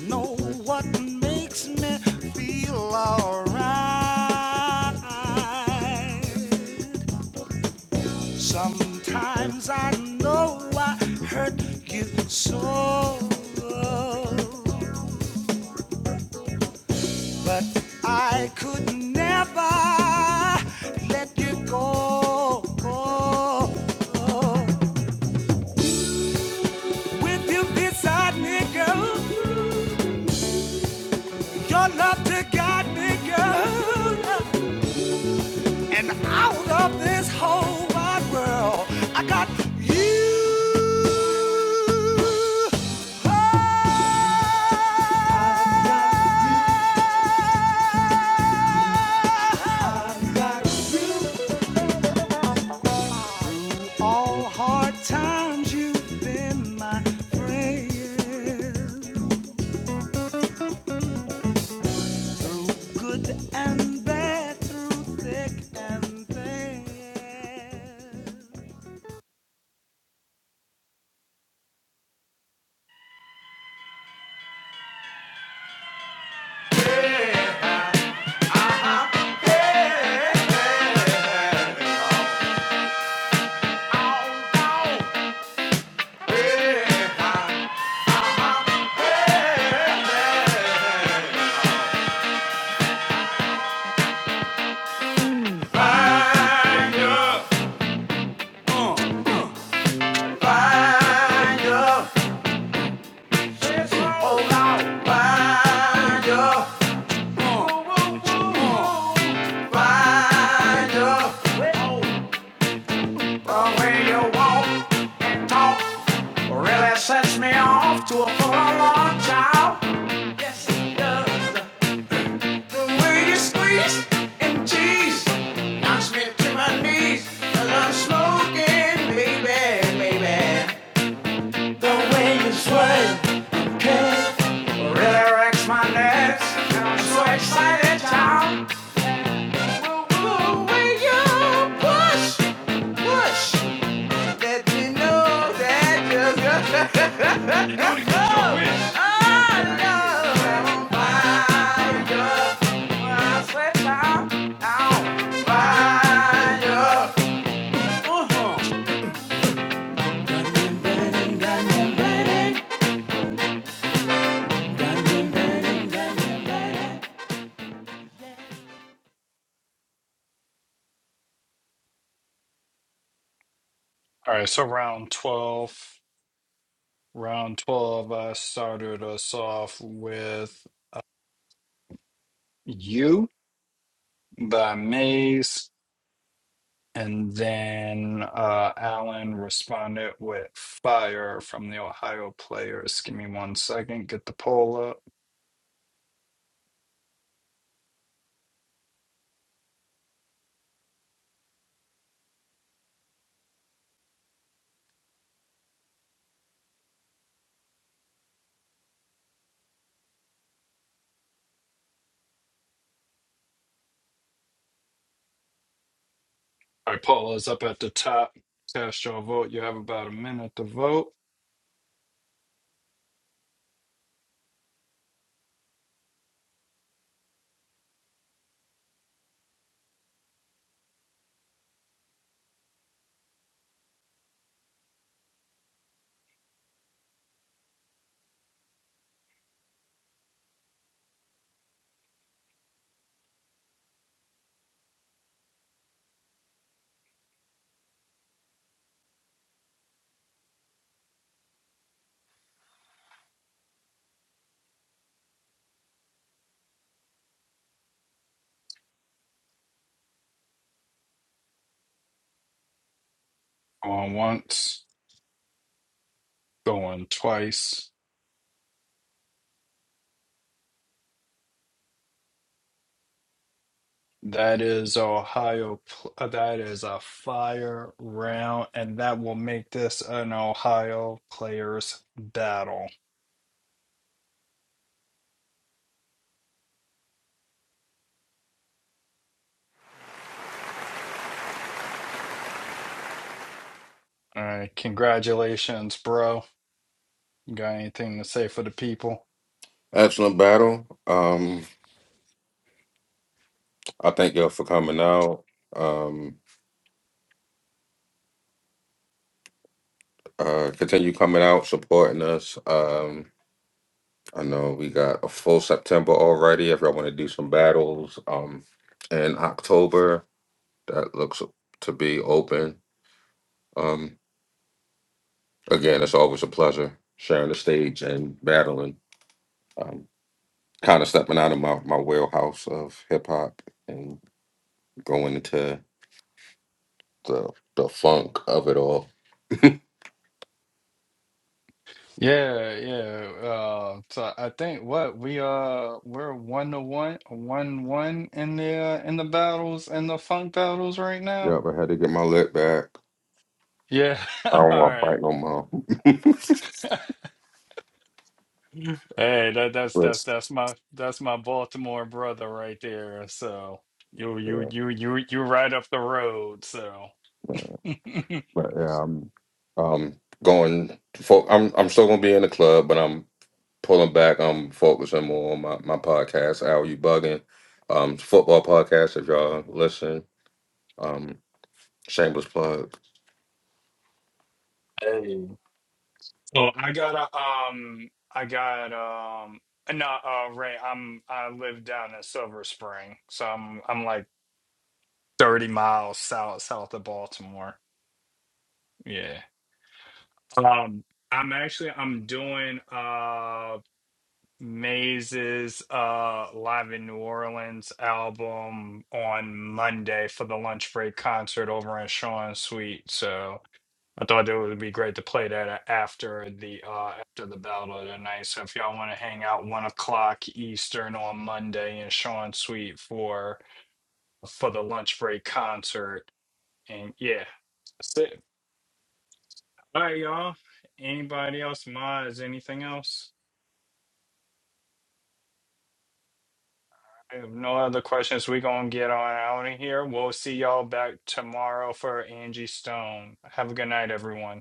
You know what makes me feel alright? Sometimes I know I hurt you so, but I could never let you go. With you beside me, girl, your love to guide me, girl. And out of this whole wide world, I got you. All hard times you've been my friend, good and bad, through thick and thin. Oh, now, mind your, mind your, you will That sets me off to a full on child. The way you squeeze and tease knocks me to my knees. i I'm smoking, baby, baby. Really wrecks my nerves. And I'm so excited, child. The way you push, push, let me know that you're good. Oh, I love how I Got me burning, burning, burning, burning, got burning, burning. All right, so round twelve. Round twelve, I started us off with you. by Maze, and then uh, Allen responded with fire from the Ohio players. Give me one second, get the poll up. All right, poll is up at the top. Cast your vote. You have about a minute to vote. Going once, going twice. That is Ohio. pl- uh, That is a fire round, and that will make this an Ohio players battle. All right, congratulations, bro. You got anything to say for the people? Excellent battle. Um, I thank y'all for coming out. Um, uh, continue coming out, supporting us. Um, I know we got a full September already. If y'all want to do some battles, um, in October, that looks to be open. Um, again, it's always a pleasure sharing the stage and battling. um, kind of stepping out of my, my wheelhouse of hip hop and going into the the funk of it all. Yeah, yeah. Uh, so I think what we uh we're one to one, one one in the uh, in the battles in the funk battles right now. Yep, I had to get my lip back. Yeah. I don't All want to right. fight no more. Hey, that that's that's but that's my that's my Baltimore brother right there. So you you yeah, you you you right up the road. So man. hey. but yeah, I'm um going. Fo- I'm I'm still gonna be in the club, but I'm pulling back. I'm focusing more on my my podcast. Al, you bugging? Um, football podcast. If y'all listen, um, shameless plug. Oh, I got a um, I got um, uh, no, uh, Ray. I'm I live down in Silver Spring, so I'm I'm like 30 miles south south of Baltimore. Yeah. Um, I'm actually I'm doing uh Maze's uh Live in New Orleans album on Monday for the lunch break concert over in Sean Suite. So. I thought it would be great to play that a- after the uh after the battle tonight. So if y'all want to hang out one o'clock Eastern on Monday in Sean Suite for for the lunch break concert, and yeah, that's it. All right, y'all. Anybody else? Mods? Anything else? I have no other questions. We gonna get on out of here. We'll see y'all back tomorrow for Angie Stone. Have a good night, everyone.